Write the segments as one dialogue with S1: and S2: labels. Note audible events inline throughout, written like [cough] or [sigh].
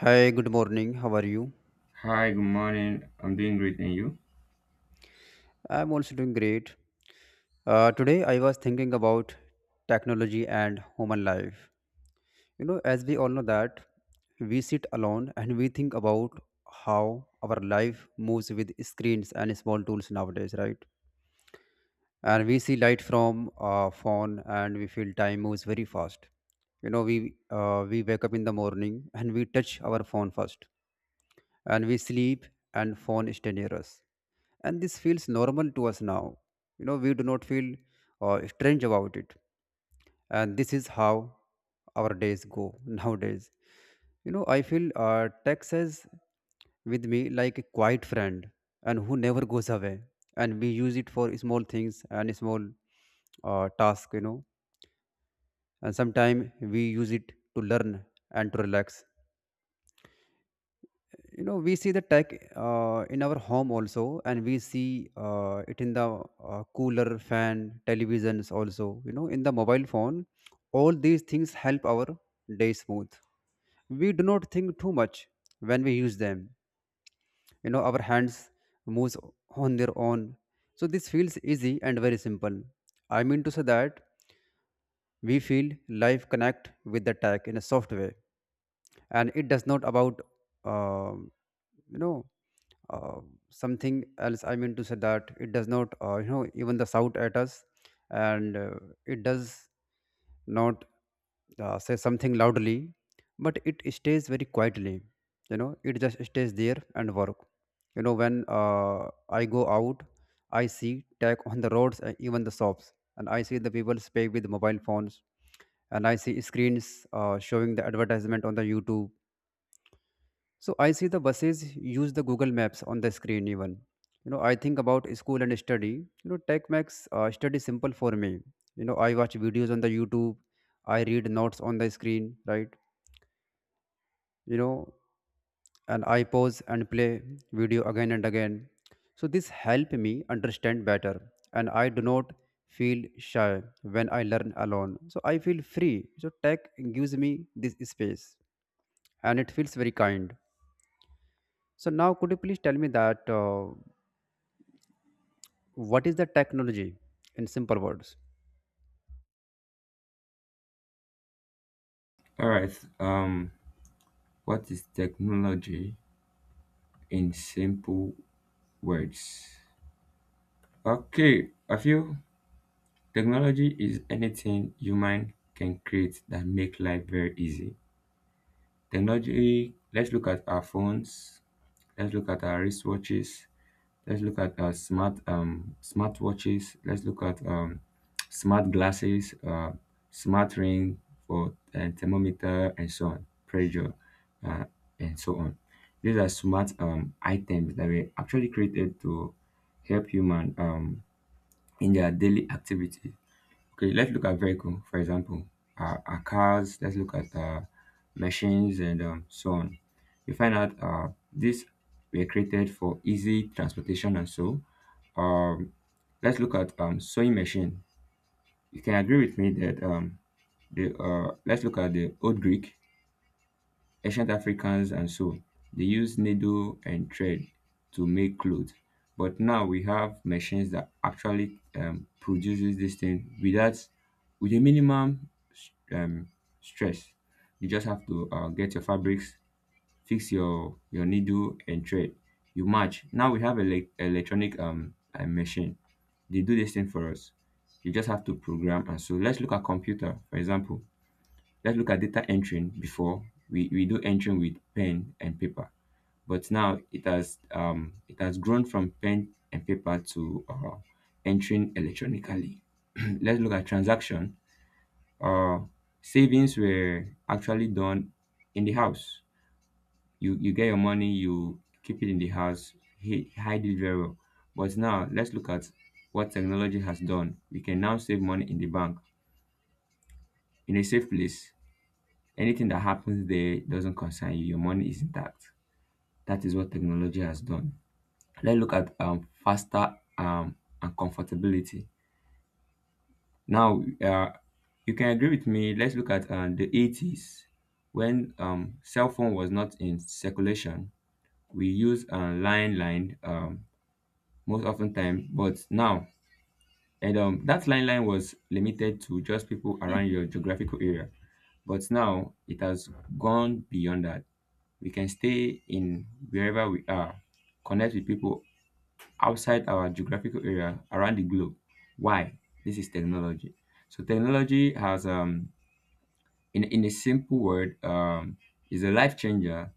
S1: Hi, good morning. How are you?
S2: Hi, good morning. I'm doing great, and you?
S1: I'm also doing great. Today, I was thinking about technology and human life. You know, as we all know that we sit alone and we think about how our life moves with screens and small tools nowadays, right? And we see light from phone, and we feel time moves very fast. You know, we wake up in the morning and we touch our phone first, and we sleep and phone is near us, and this feels normal to us now. You know, we do not feel strange about it, and this is how our days go [laughs] nowadays. You know, I feel text is with me like a quiet friend, and who never goes away, and we use it for small things and small tasks, you know, and sometimes we use it to learn and to relax. You know, we see the tech in our home also, and we see it in the cooler, fan, televisions also, you know, in the mobile phone. All these things help our day smooth. We do not think too much when we use them. You know, our hands moves on their own, so this feels easy and very simple. I mean to say that we feel life connect with the tech in a soft way, and it does not about um you know uh, something else. I mean to say that it does not even the shout at us, and it does not say something loudly, but it stays very quietly. You know, it just stays there and work. You know, when I go out, I see tech on the roads and even the shops, and I see the people speak with mobile phones, and I see screens showing the advertisement on the YouTube. So I see the buses use the Google Maps on the screen even. You know, I think about school and study. You know, tech makes study simple for me. You know, I watch videos on the YouTube. I read notes on the screen, right? You know, and I pause and play video again and again. So this help me understand better, and I do not feel shy when I learn alone. So I feel free. So tech gives me this space, and it feels very kind. So now, could you please tell me that? What is the technology in simple words?
S2: All right. Um, what is technology in simple words? Okay, I feel technology is anything human can create that make life very easy. Technology. Let's look at our phones. Let's look at our wristwatches. Let's look at smart smart watches. Let's look at smart glasses, smart ring for thermometer, and so on, pressure, uh, and so on. These are smart items that were actually created to help human in their daily activities. Okay, let's look at vehicle, for example, our cars, let's look at machines and so on. You find out these were created for easy transportation and so. Um, let's look at sewing machine. You can agree with me that the let's look at the old Greek. Ancient Africans and so, they used needle and thread to make clothes. But now we have machines that actually produces this thing without with a minimum um, stress. You just have to get your fabrics, fix your needle and thread. You match. Now we have electronic machine. They do this thing for us. You just have to program and so let's look at computer for example, let's look at data entering. Before we do entering with pen and paper, but now it has grown from pen and paper to entering electronically. [clears throat] Let's look at transaction. uh, Savings were actually done in the house. You get your money, you keep it in the house, hide it very well. But now let's look at what technology has done. We can now save money in the bank, in a safe place. Anything that happens there doesn't concern you. Your money is intact. That is what technology has done. Let's look at faster and comfortability. Now, you can agree with me. Let's look at the 80s when cell phone was not in circulation. We use line line most often time, but now, and that line line was limited to just people around your geographical area. But now it has gone beyond that. We can stay in wherever we are, connect with people outside our geographical area around the globe. Why? This is technology. So technology has, in a simple word, is a life changer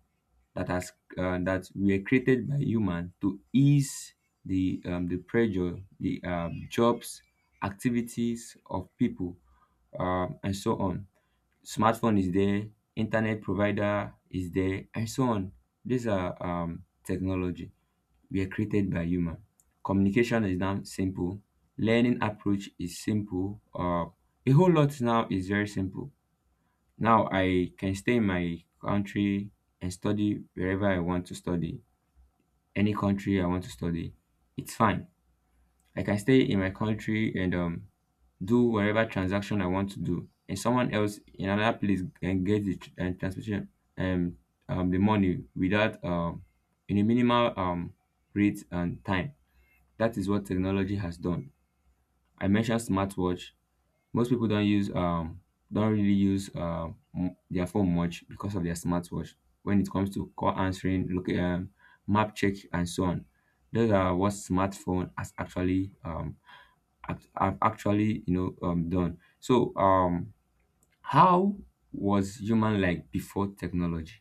S2: that has that were created by human to ease the pressure, the jobs, activities of people, and so on. Smartphone is there, internet provider is there, and so on. These are technology we are created by human. Communication is now simple. Learning approach is simple. A whole lot now is very simple. Now I can stay in my country and study wherever I want to study. Any country I want to study, it's fine. I can stay in my country and do whatever transaction I want to do, and someone else in another place can get the tr- and transportation um, the money without in a minimal rate and time. That is what technology has done. I mentioned smartwatch. Most people don't really use their phone much because of their smartwatch when it comes to call answering, look, map check and so on. Those are what smartphone has have actually done. So how was human like before technology?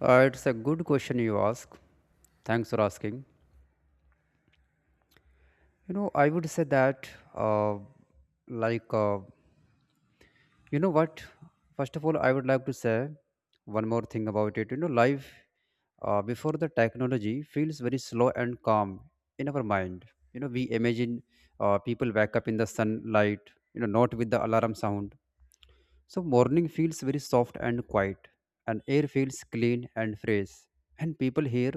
S1: It's a good question you ask. Thanks for asking. You know, I would say that, like, uh, you know what? First of all, I would like to say one more thing about it. You know, life before the technology feels very slow and calm in our mind. You know, we imagine people wake up in the sunlight, you know, not with the alarm sound. So morning feels very soft and quiet, and air feels clean and fresh, and people hear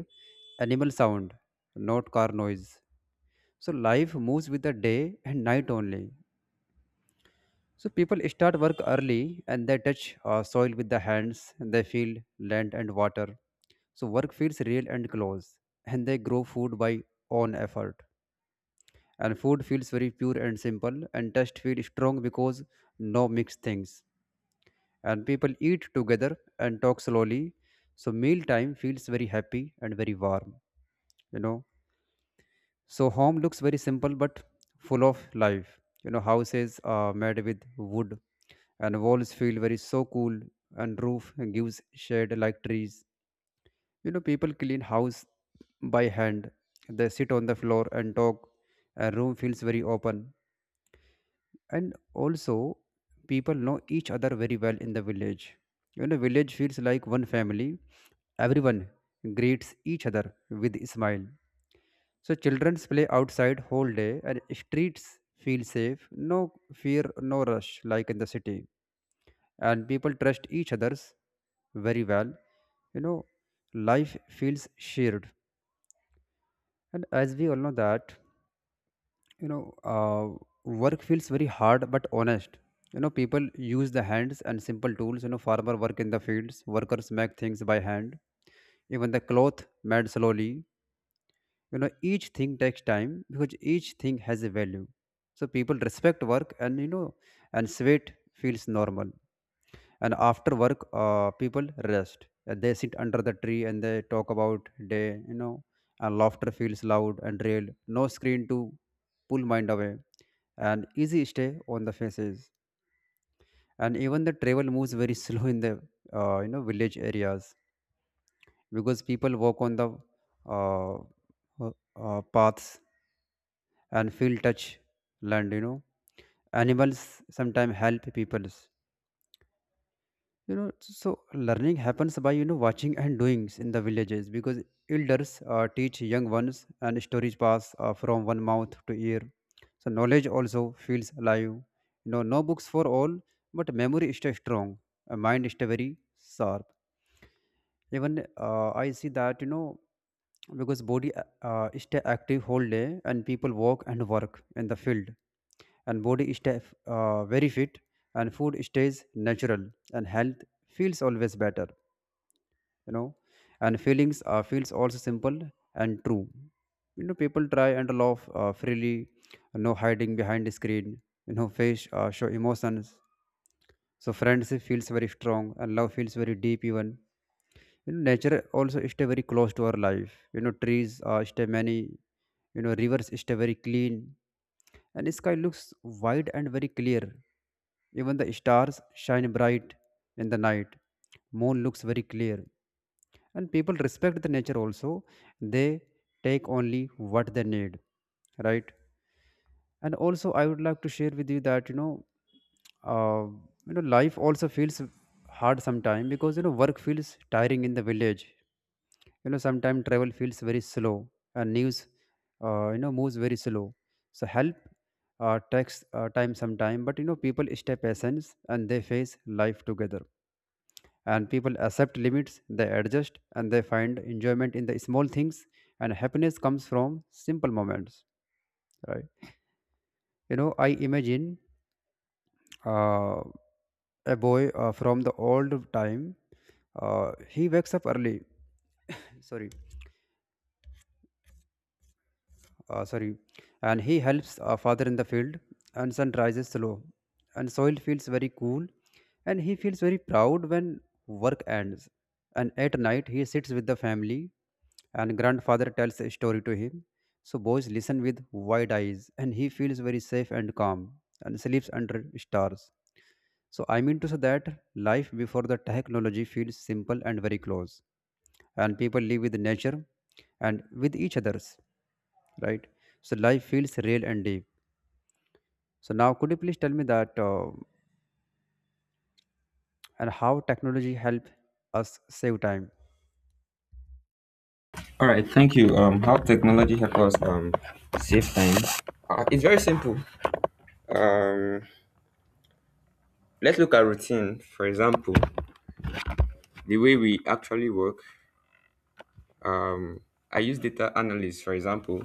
S1: animal sound, not car noise. So life moves with the day and night only. So people start work early and they touch soil with the hands, and they feel land and water. So work feels real and close, and they grow food by own effort. And food feels very pure and simple, and taste feels strong because no mixed things. And people eat together and talk slowly, so meal time feels very happy and very warm, you know. So home looks very simple but full of life. You know, houses are made with wood, and walls feel very so cool, and roof gives shade like trees. You know, people clean house by hand. They sit on the floor and talk. A room feels very open, and also people know each other very well in the village. You know, village feels like one family. Everyone greets each other with a smile. So children play outside whole day, and streets feel safe, no fear, no rush like in the city, and people trust each others very well. You know, life feels shared. And as we all know that, you know, work feels very hard but honest. You know, people use the hands and simple tools. You know, farmer work in the fields, workers make things by hand, even the cloth made slowly. You know, each thing takes time because each thing has a value. So people respect work, and you know, and sweat feels normal. And after work, people rest, and they sit under the tree, and they talk about day, you know, and laughter feels loud and real. No screen to pull mind away, and easy stay on the faces. And even the travel moves very [laughs] slow in the you know, village areas, because people walk on the uh, uh, paths and feel touch land, you know. Animals sometimes help people, you know. So learning happens by, you know, watching and doings in the villages, because elders teach young ones, and stories pass from one mouth to ear. So knowledge also feels alive. You know, no books for all, but memory is still strong, a mind is still very sharp. Even I see that, you know, because body stay active whole day, and people walk and work in the field, and body stay very fit, and food stays natural, and health feels always better, you know. And feelings feels also simple and true. You know, people try and laugh freely, no hiding behind the screen. You know, face show emotions. So friendship feels very strong and love feels very deep even. You know, nature also stay very close to our life. You know, trees stay many. You know, rivers stay very clean, and sky looks wide and very clear. Even the stars shine bright in the night. Moon looks very clear. And people respect the nature also. They take only what they need, right? And also I would like to share with you that, you know, uh, you know, life also feels hard sometimes because, you know, work feels tiring in the village. You know, sometimes travel feels very slow, and news, you know, moves very slow. So help takes time sometime, but you know, people stay patient, and they face life together. And people accept limits, they adjust, and they find enjoyment in the small things, and happiness comes from simple moments, right? You know, I imagine uh, a boy from the old time. He wakes up early. Sorry, sorry, and he helps father in the field. And sun rises slow, and soil feels very cool, and he feels very proud when work ends. And at night he sits with the family, and grandfather tells a story to him. So boys listen with wide eyes, and he feels very safe and calm, and sleeps under stars. So I mean to say that life before the technology feels simple and very close, and people live with nature and with each others, right? So life feels real and deep. So now, could you please tell me that, and how technology help us save time?
S2: All right, thank you. How technology helps us save time? It's very simple. Um, let's look at routine. For example, the way we actually work. Um, I use data analyst, for example.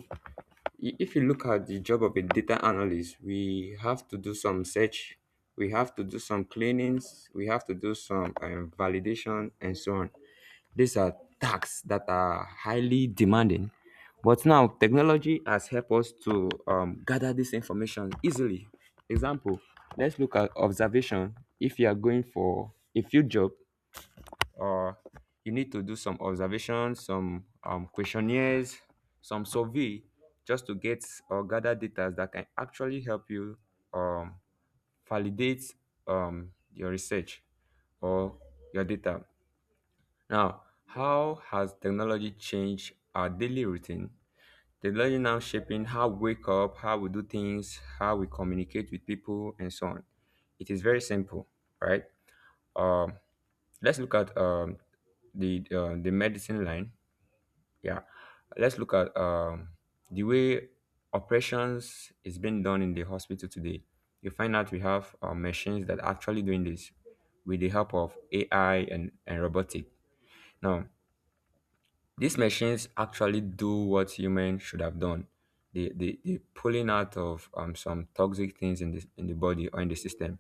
S2: If you look at the job of a data analyst, we have to do some search, we have to do some cleanings, we have to do some validation, and so on. These are tasks that are highly demanding. But now technology has helped us to gather this information easily. Example, let's look at observation. If you are going for a field job, or you need to do some observations, some questionnaires, some survey just to get or gather data that can actually help you um, validate your research or your data. Now, how has technology changed our daily routine? Technology now shaping how we wake up, how we do things, how we communicate with people, and so on. It is very simple, right? Um, let's look at the medicine line. Yeah, let's look at the way operations is being done in the hospital today. You find out we have machines that are actually doing this with the help of AI and robotic. Now, these machines actually do what humans should have done. They pulling out of some toxic things in the body or in the system.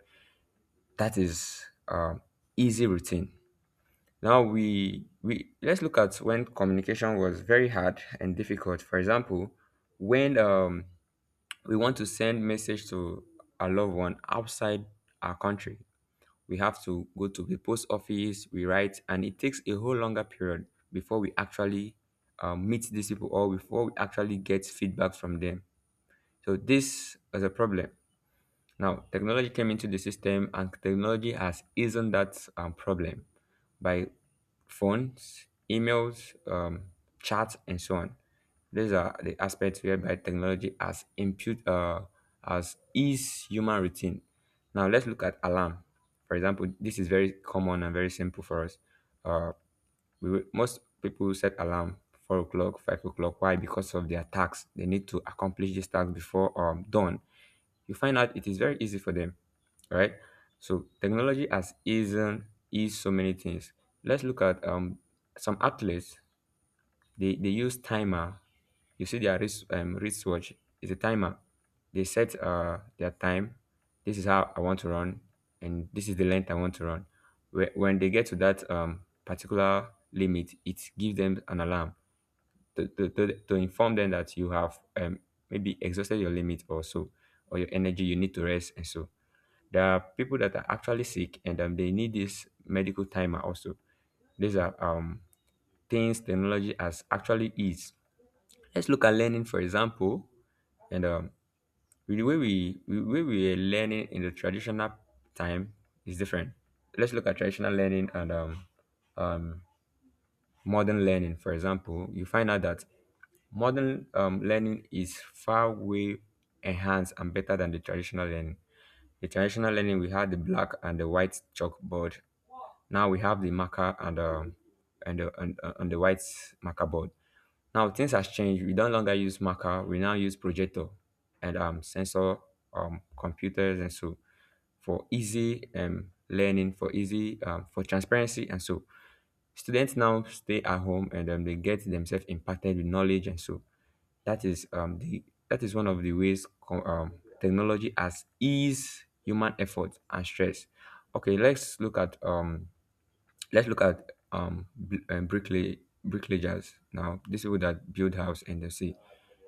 S2: That is easy routine. Now we let's look at when communication was very hard and difficult. For example, when we want to send message to a loved one outside our country, we have to go to the post office, we write, and it takes a whole longer period before we actually meet these people or before we actually get feedback from them. So this is a problem. Now technology came into the system, and technology has eased that problem by phones, emails, chats, and so on. These are the aspects whereby technology has impute has eased human routine. Now let's look at alarm. For example, this is very common and very simple for us. Uh, Most people set alarm 4 o'clock, 5 o'clock. Why? Because of their tasks. They need to accomplish these tasks before dawn. You find out it is very easy for them, right? So technology has eased so many things. Let's look at some athletes. They use timer. You see their wristwatch is a timer. They set their time. This is how I want to run, and this is the length I want to run. When they get to that particular limit, it gives them an alarm to inform them that you have maybe exhausted your limit or so, or your energy, you need to rest. And so there are people that are actually sick and they need this medical timer also. These are things technology has actually is. Let's look at learning, for example, and with the way we were learning in the traditional time is different. Let's look at traditional learning and um, modern learning, for example. You find out that modern learning is far way enhanced and better than the traditional learning. The traditional learning we had the black and the white chalkboard. Now we have the marker and and the white marker board. Now things has changed. We don't longer use marker. We now use projector and sensor computers and so, for easy learning, for easy for transparency and so. Students now stay at home and they get themselves impacted with knowledge and so, that is the that is one of the ways technology has eased human effort and stress. Okay, let's look at let's look at um bl- um, bricklay bricklayers now. These people that build house in the sea.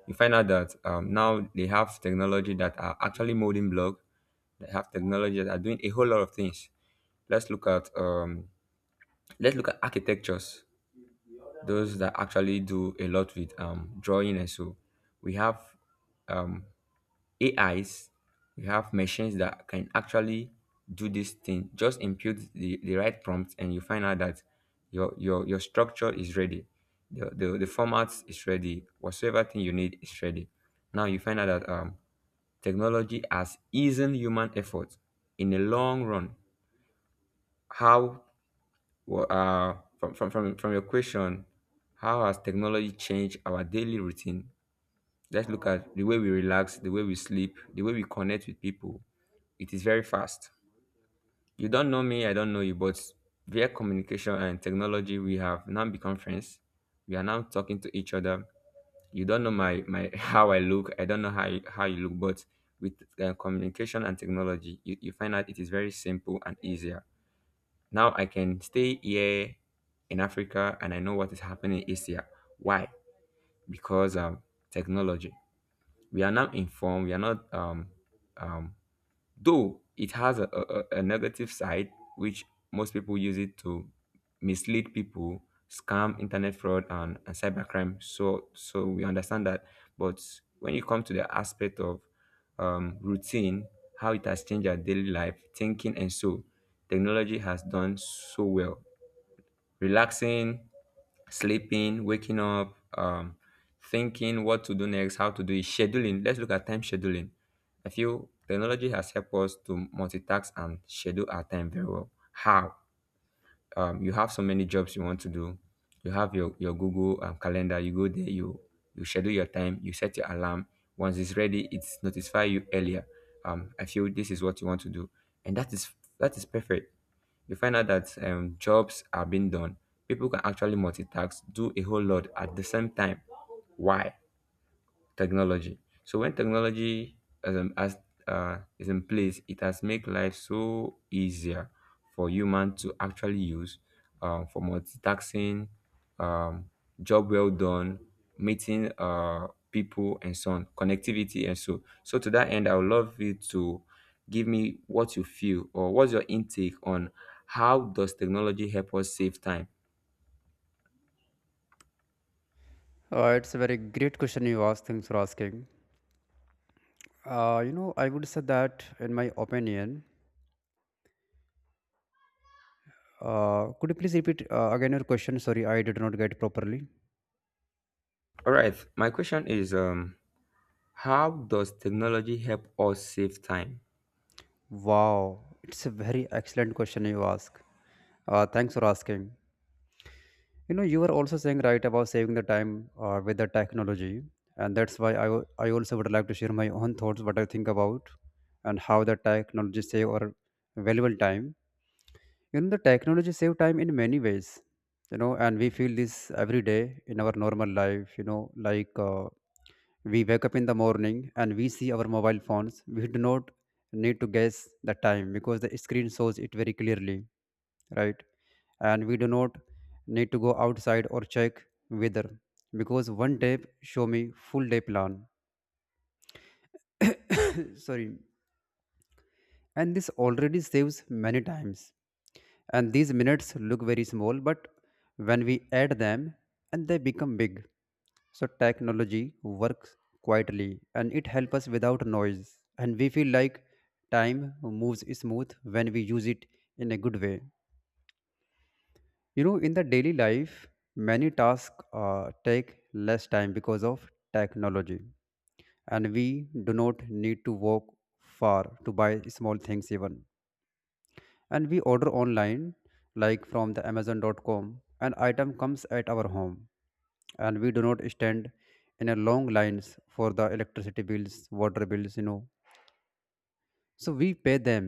S2: You find out that now they have technology that are actually molding block. They have technology that are doing a whole lot of things. Let's look at architectures, those that actually do a lot with drawing and so, we have um, ais, we have machines that can actually do this thing. Just input the right prompt, and you find out that your structure is ready, the format is ready, whatsoever thing you need is ready. Now you find out that technology has eased human effort in the long run. How? Well, from your question, how has technology changed our daily routine? Let's look at the way we relax, the way we sleep, the way we connect with people. It is very fast. You don't know me, I don't know you, but via communication and technology, we have now become friends. We are now talking to each other. You don't know my [laughs] how I look, I don't know how you look, but with communication and technology, you find out it is very simple and easier. Now I can stay here in Africa and I know what is happening in Asia. Why? Because technology. We are now informed. We are not, um, though it has a negative side, which most people use it to mislead people, scam, internet fraud, and cybercrime. So we understand that. But when you come to the aspect of routine, how it has changed our daily life, thinking, and so technology has done so well relaxing, sleeping, waking up, thinking what to do next, how to do it, scheduling. Let's look at time scheduling. I feel technology has helped us to multitask and schedule our time very well. How? You have so many jobs you want to do. You have your Google calendar. You go there, you schedule your time, you set your alarm. Once it's ready, it's notify you earlier. I feel this is what you want to do, and that is perfect. You find out that jobs are being done. People can actually multitask, do a whole lot at the same time. Why? Technology. So when technology as is in place, it has made life so easier for human to actually use for multitasking, um, job well done, meeting people and so on, connectivity and so. So to that end, I would love you to give me what you feel or what's your intake on how does technology help us save time?
S1: It's a very great question you asked. Thanks for asking. You know, I would say that in my opinion. Could you please repeat again your question? Sorry, I did not get properly.
S2: All right, my question is how does technology help us save time?
S1: Wow, it's a very excellent question you ask. Thanks for asking. You know, you were also saying right about saving the time with the technology, and that's why I also would like to share my own thoughts, what I think about, and how the technology save our valuable time. You know, the technology save time in many ways, you know, and we feel this every day in our normal life, you know, like we wake up in the morning and we see our mobile phones. We do not need to guess the time because the screen shows it very clearly, right? And we do not need to go outside or check weather because one tap show me full day plan. [coughs] Sorry, and this already saves many times. And these minutes look very small, but when we add them, and they become big. So technology works quietly and it helps us without noise, and we feel like time moves smooth when we use it in a good way. You know, in the daily life, many tasks take less time because of technology, and we do not need to walk far to buy small things even, and we order online like from the amazon.com. An item comes at our home, and we do not stand in a long lines for the electricity bills, water bills, you know, so we pay them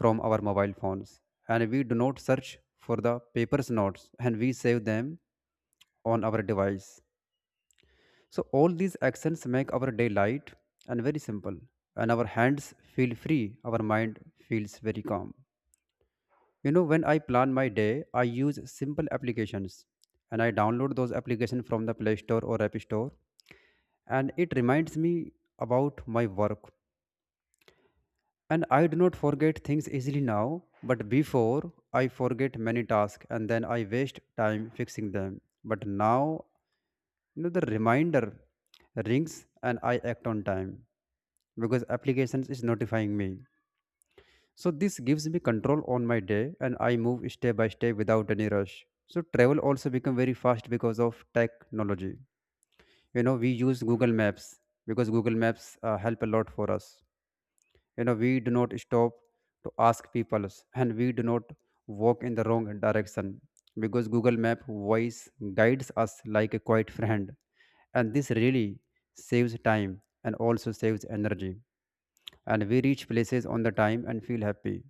S1: from our mobile phones. And we do not search for the papers notes, and we save them on our device. So all these actions make our day light and very simple, and our hands feel free, our mind feels very calm. You know, when I plan my day, I use simple applications, and I download those applications from the Play Store or App Store, and it reminds me about my work. And I do not forget things easily now, but before I forget many tasks and then I waste time fixing them. But now, the reminder rings and I act on time because applications is notifying me. So this gives me control on my day and I move step by step without any rush. So travel also become very fast because of technology. You know, we use Google Maps because Google Maps help a lot for us. You know, we do not stop to ask people [laughs] and we do not walk in the wrong direction because Google Map voice guides us like a quiet friend. And this really saves time and also saves energy. And we reach places on the time and feel happy.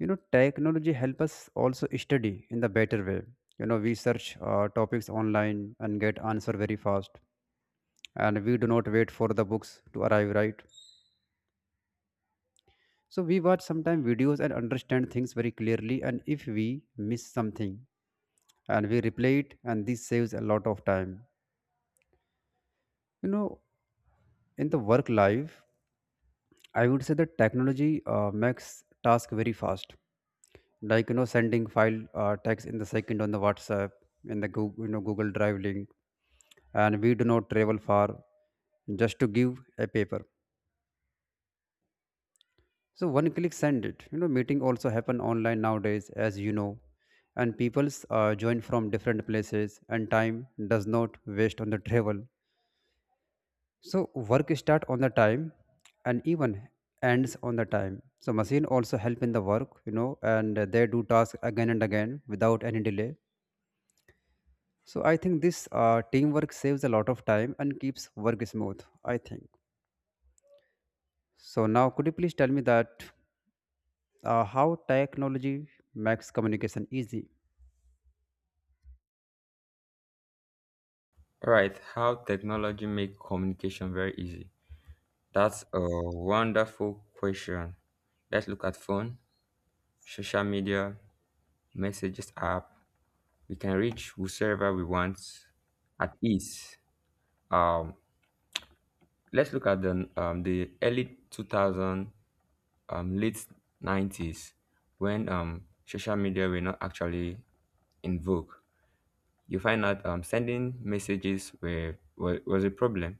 S1: You know, technology help us also study in the better way. You know, we search topics online and get answer very fast, and we do not wait for the books to arrive, right? So we watch sometimes videos and understand things very clearly, and if we miss something, and we replay it, and this saves a lot of time, you know. In the work life, I would say that technology makes task very fast, like you know, sending file text in the second on the whatsapp, in the google, you know, google drive link, and we do not travel far just to give a paper. So one click send it. You know, meeting also happen online nowadays, as you know, and people's join from different places and time does not waste on the travel. So work start on the time and even ends on the time. So machine also help in the work, you know, and they do task again and again without any delay. So I think this teamwork saves a lot of time and keeps work smooth, I think. So now, could you please tell me that how technology makes communication easy?
S2: All right, how technology make communication very easy? That's a wonderful question. Let's look at phone, social media, messages app. We can reach whosoever we want at ease. Um, let's look at the early 2000, late 90s, when social media were not actually in vogue. You find out sending messages were, was a problem,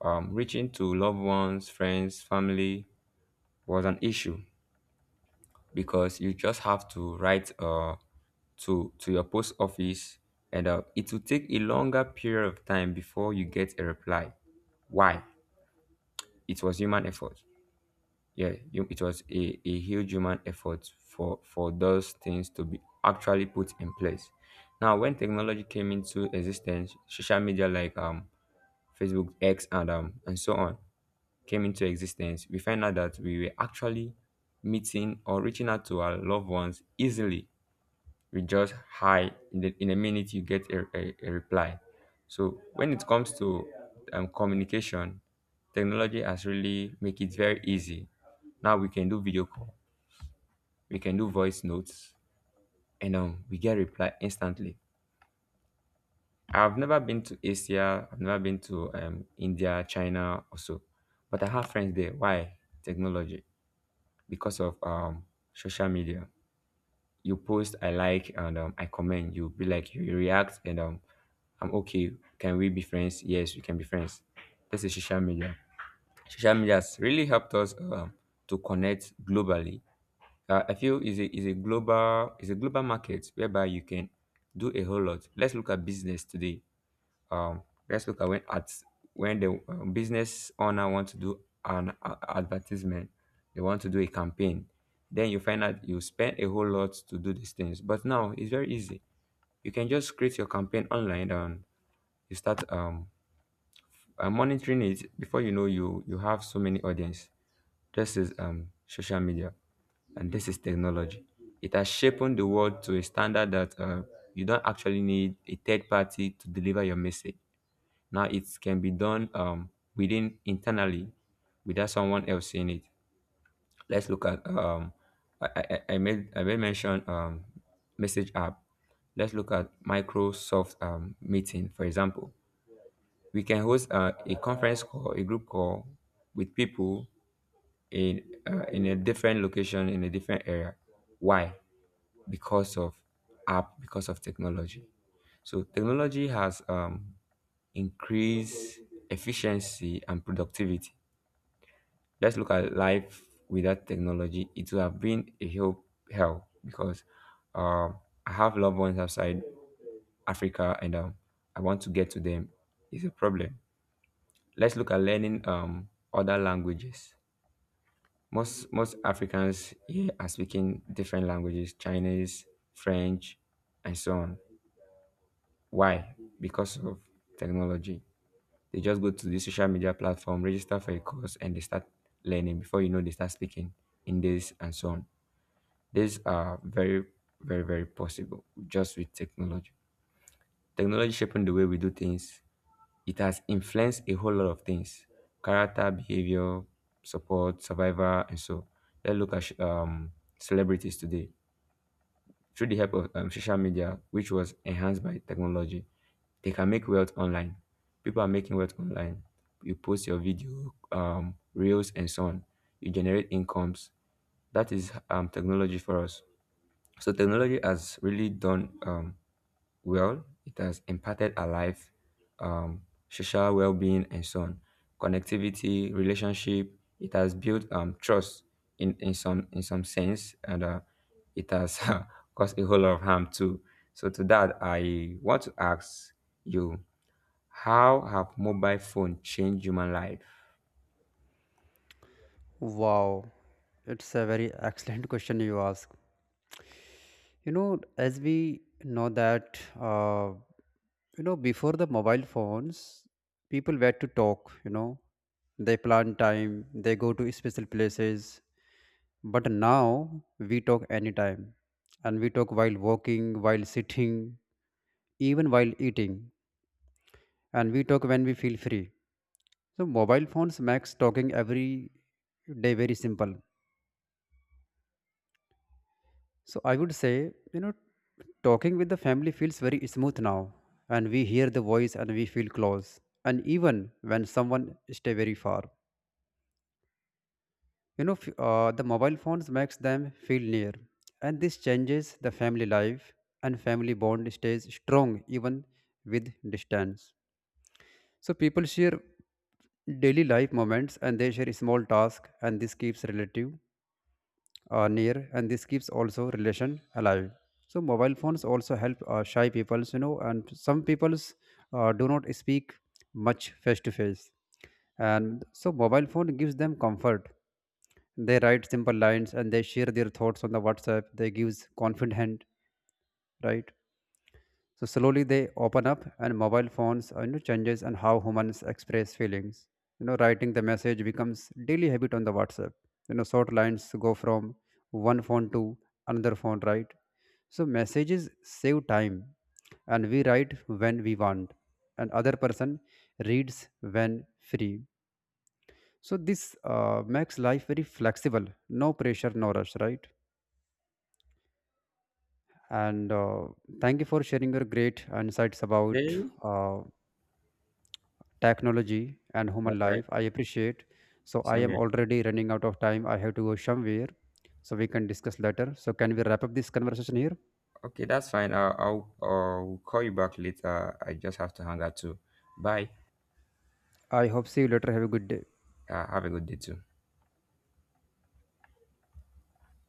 S2: reaching to loved ones, friends, family was an issue because you just have to write to your post office, and it will take a longer period of time before you get a reply. Why? It was human effort. Yeah, you, it was a huge human effort for those things to be actually put in place. Now, when technology came into existence, social media like Facebook, X, and so on came into existence, we find out that we were actually meeting or reaching out to our loved ones easily. We just hi in, the, in a minute, you get a reply. So when it comes to communication, technology has really make it very easy. Now we can do video call, we can do voice notes, and we get reply instantly. I've never been to Asia, I've never been to India, China, or so, but I have friends there. Why? Technology. Because of social media. You post, I like, and I comment. You be like, you react, and I'm okay. Can we be friends? Yes, we can be friends. This is social media. Social media has really helped us to connect globally. I feel is a global market whereby you can do a whole lot. Let's look at business today, um, let's look at when the business owner want to do advertisement, they want to do a campaign. Then you find out you spend a whole lot to do these things. But now it's very easy. You can just create your campaign online and you start monitoring it. Before you know, you have so many audience. This is social media and this is technology. It has shaped the world to a standard that you don't actually need a third party to deliver your message. Now it can be done within internally without someone else seeing it. Let's look at I made mention message app. Let's look at Microsoft meeting, for example. We can host a conference call, a group call with people in in a different location in a different area. Why? Because of app, because of technology. So technology has increase efficiency and productivity. Let's look at life without technology. It would have been hell because um, I have loved ones outside Africa and I want to get to them. It's a problem. Let's look at learning other languages. Most Africans here are speaking different languages: Chinese, French, and so on. Why? Because of technology. They just go to the social media platform, register for a course, and they start learning. Before you know, they start speaking in this and so on. These are very possible just with technology. Technology shaping the way we do things. It has influenced a whole lot of things: character, behavior, support, survivor, and so. Let's look at celebrities today through the help of social media, which was enhanced by technology. They can make wealth online. People are making wealth online. You post your video, reels, and so on. You generate incomes. That is technology for us. So technology has really done well. It has impacted our life, um, social well-being, and so on. Connectivity, relationship. It has built trust in some sense, and it has [laughs] caused a whole lot of harm too. So to that, I want to ask you: how have mobile phone changed human life?
S1: Wow, it's a very excellent question you ask. You know, as we know that you know, before the mobile phones, people were to talk. You know, they plan time, they go to special places. But now we talk anytime, and we talk while walking, while sitting, even while eating, and we talk when we feel free. So mobile phones makes talking every day very simple. So I would say, you know, talking with the family feels very smooth now, and we hear the voice and we feel close, and even when someone stay very far. You know, the mobile phones makes them feel near, and this changes the family life, and family bond stays strong even with distance. So people share daily life moments and they share small tasks, and this keeps relative near, and this keeps also relation alive. So mobile phones also help shy peoples, you know, and some peoples do not speak much face to face, and so mobile phone gives them comfort. They write simple lines and they share their thoughts on the whatsapp, they gives confident hand, right? So slowly they open up, and mobile phones you know, changes and how humans express feelings. You know, writing the message becomes daily habit on the whatsapp. You know, short lines go from one phone to another phone, right? So messages save time, and we write when we want, and other person reads when free. So this makes life very flexible, no pressure, no rush, right? And thank you for sharing your great insights about
S2: Okay,
S1: uh, technology and human
S2: that's right.
S1: life, I appreciate. So I
S2: Same
S1: am
S2: here.
S1: already running out of time, I have to go somewhere, so we can discuss later. So can we wrap up this conversation here?
S2: Okay, that's fine. I'll call you back later. I just have to hang out too. Bye.
S1: I hope see you later, have a good day.
S2: Have a good day too.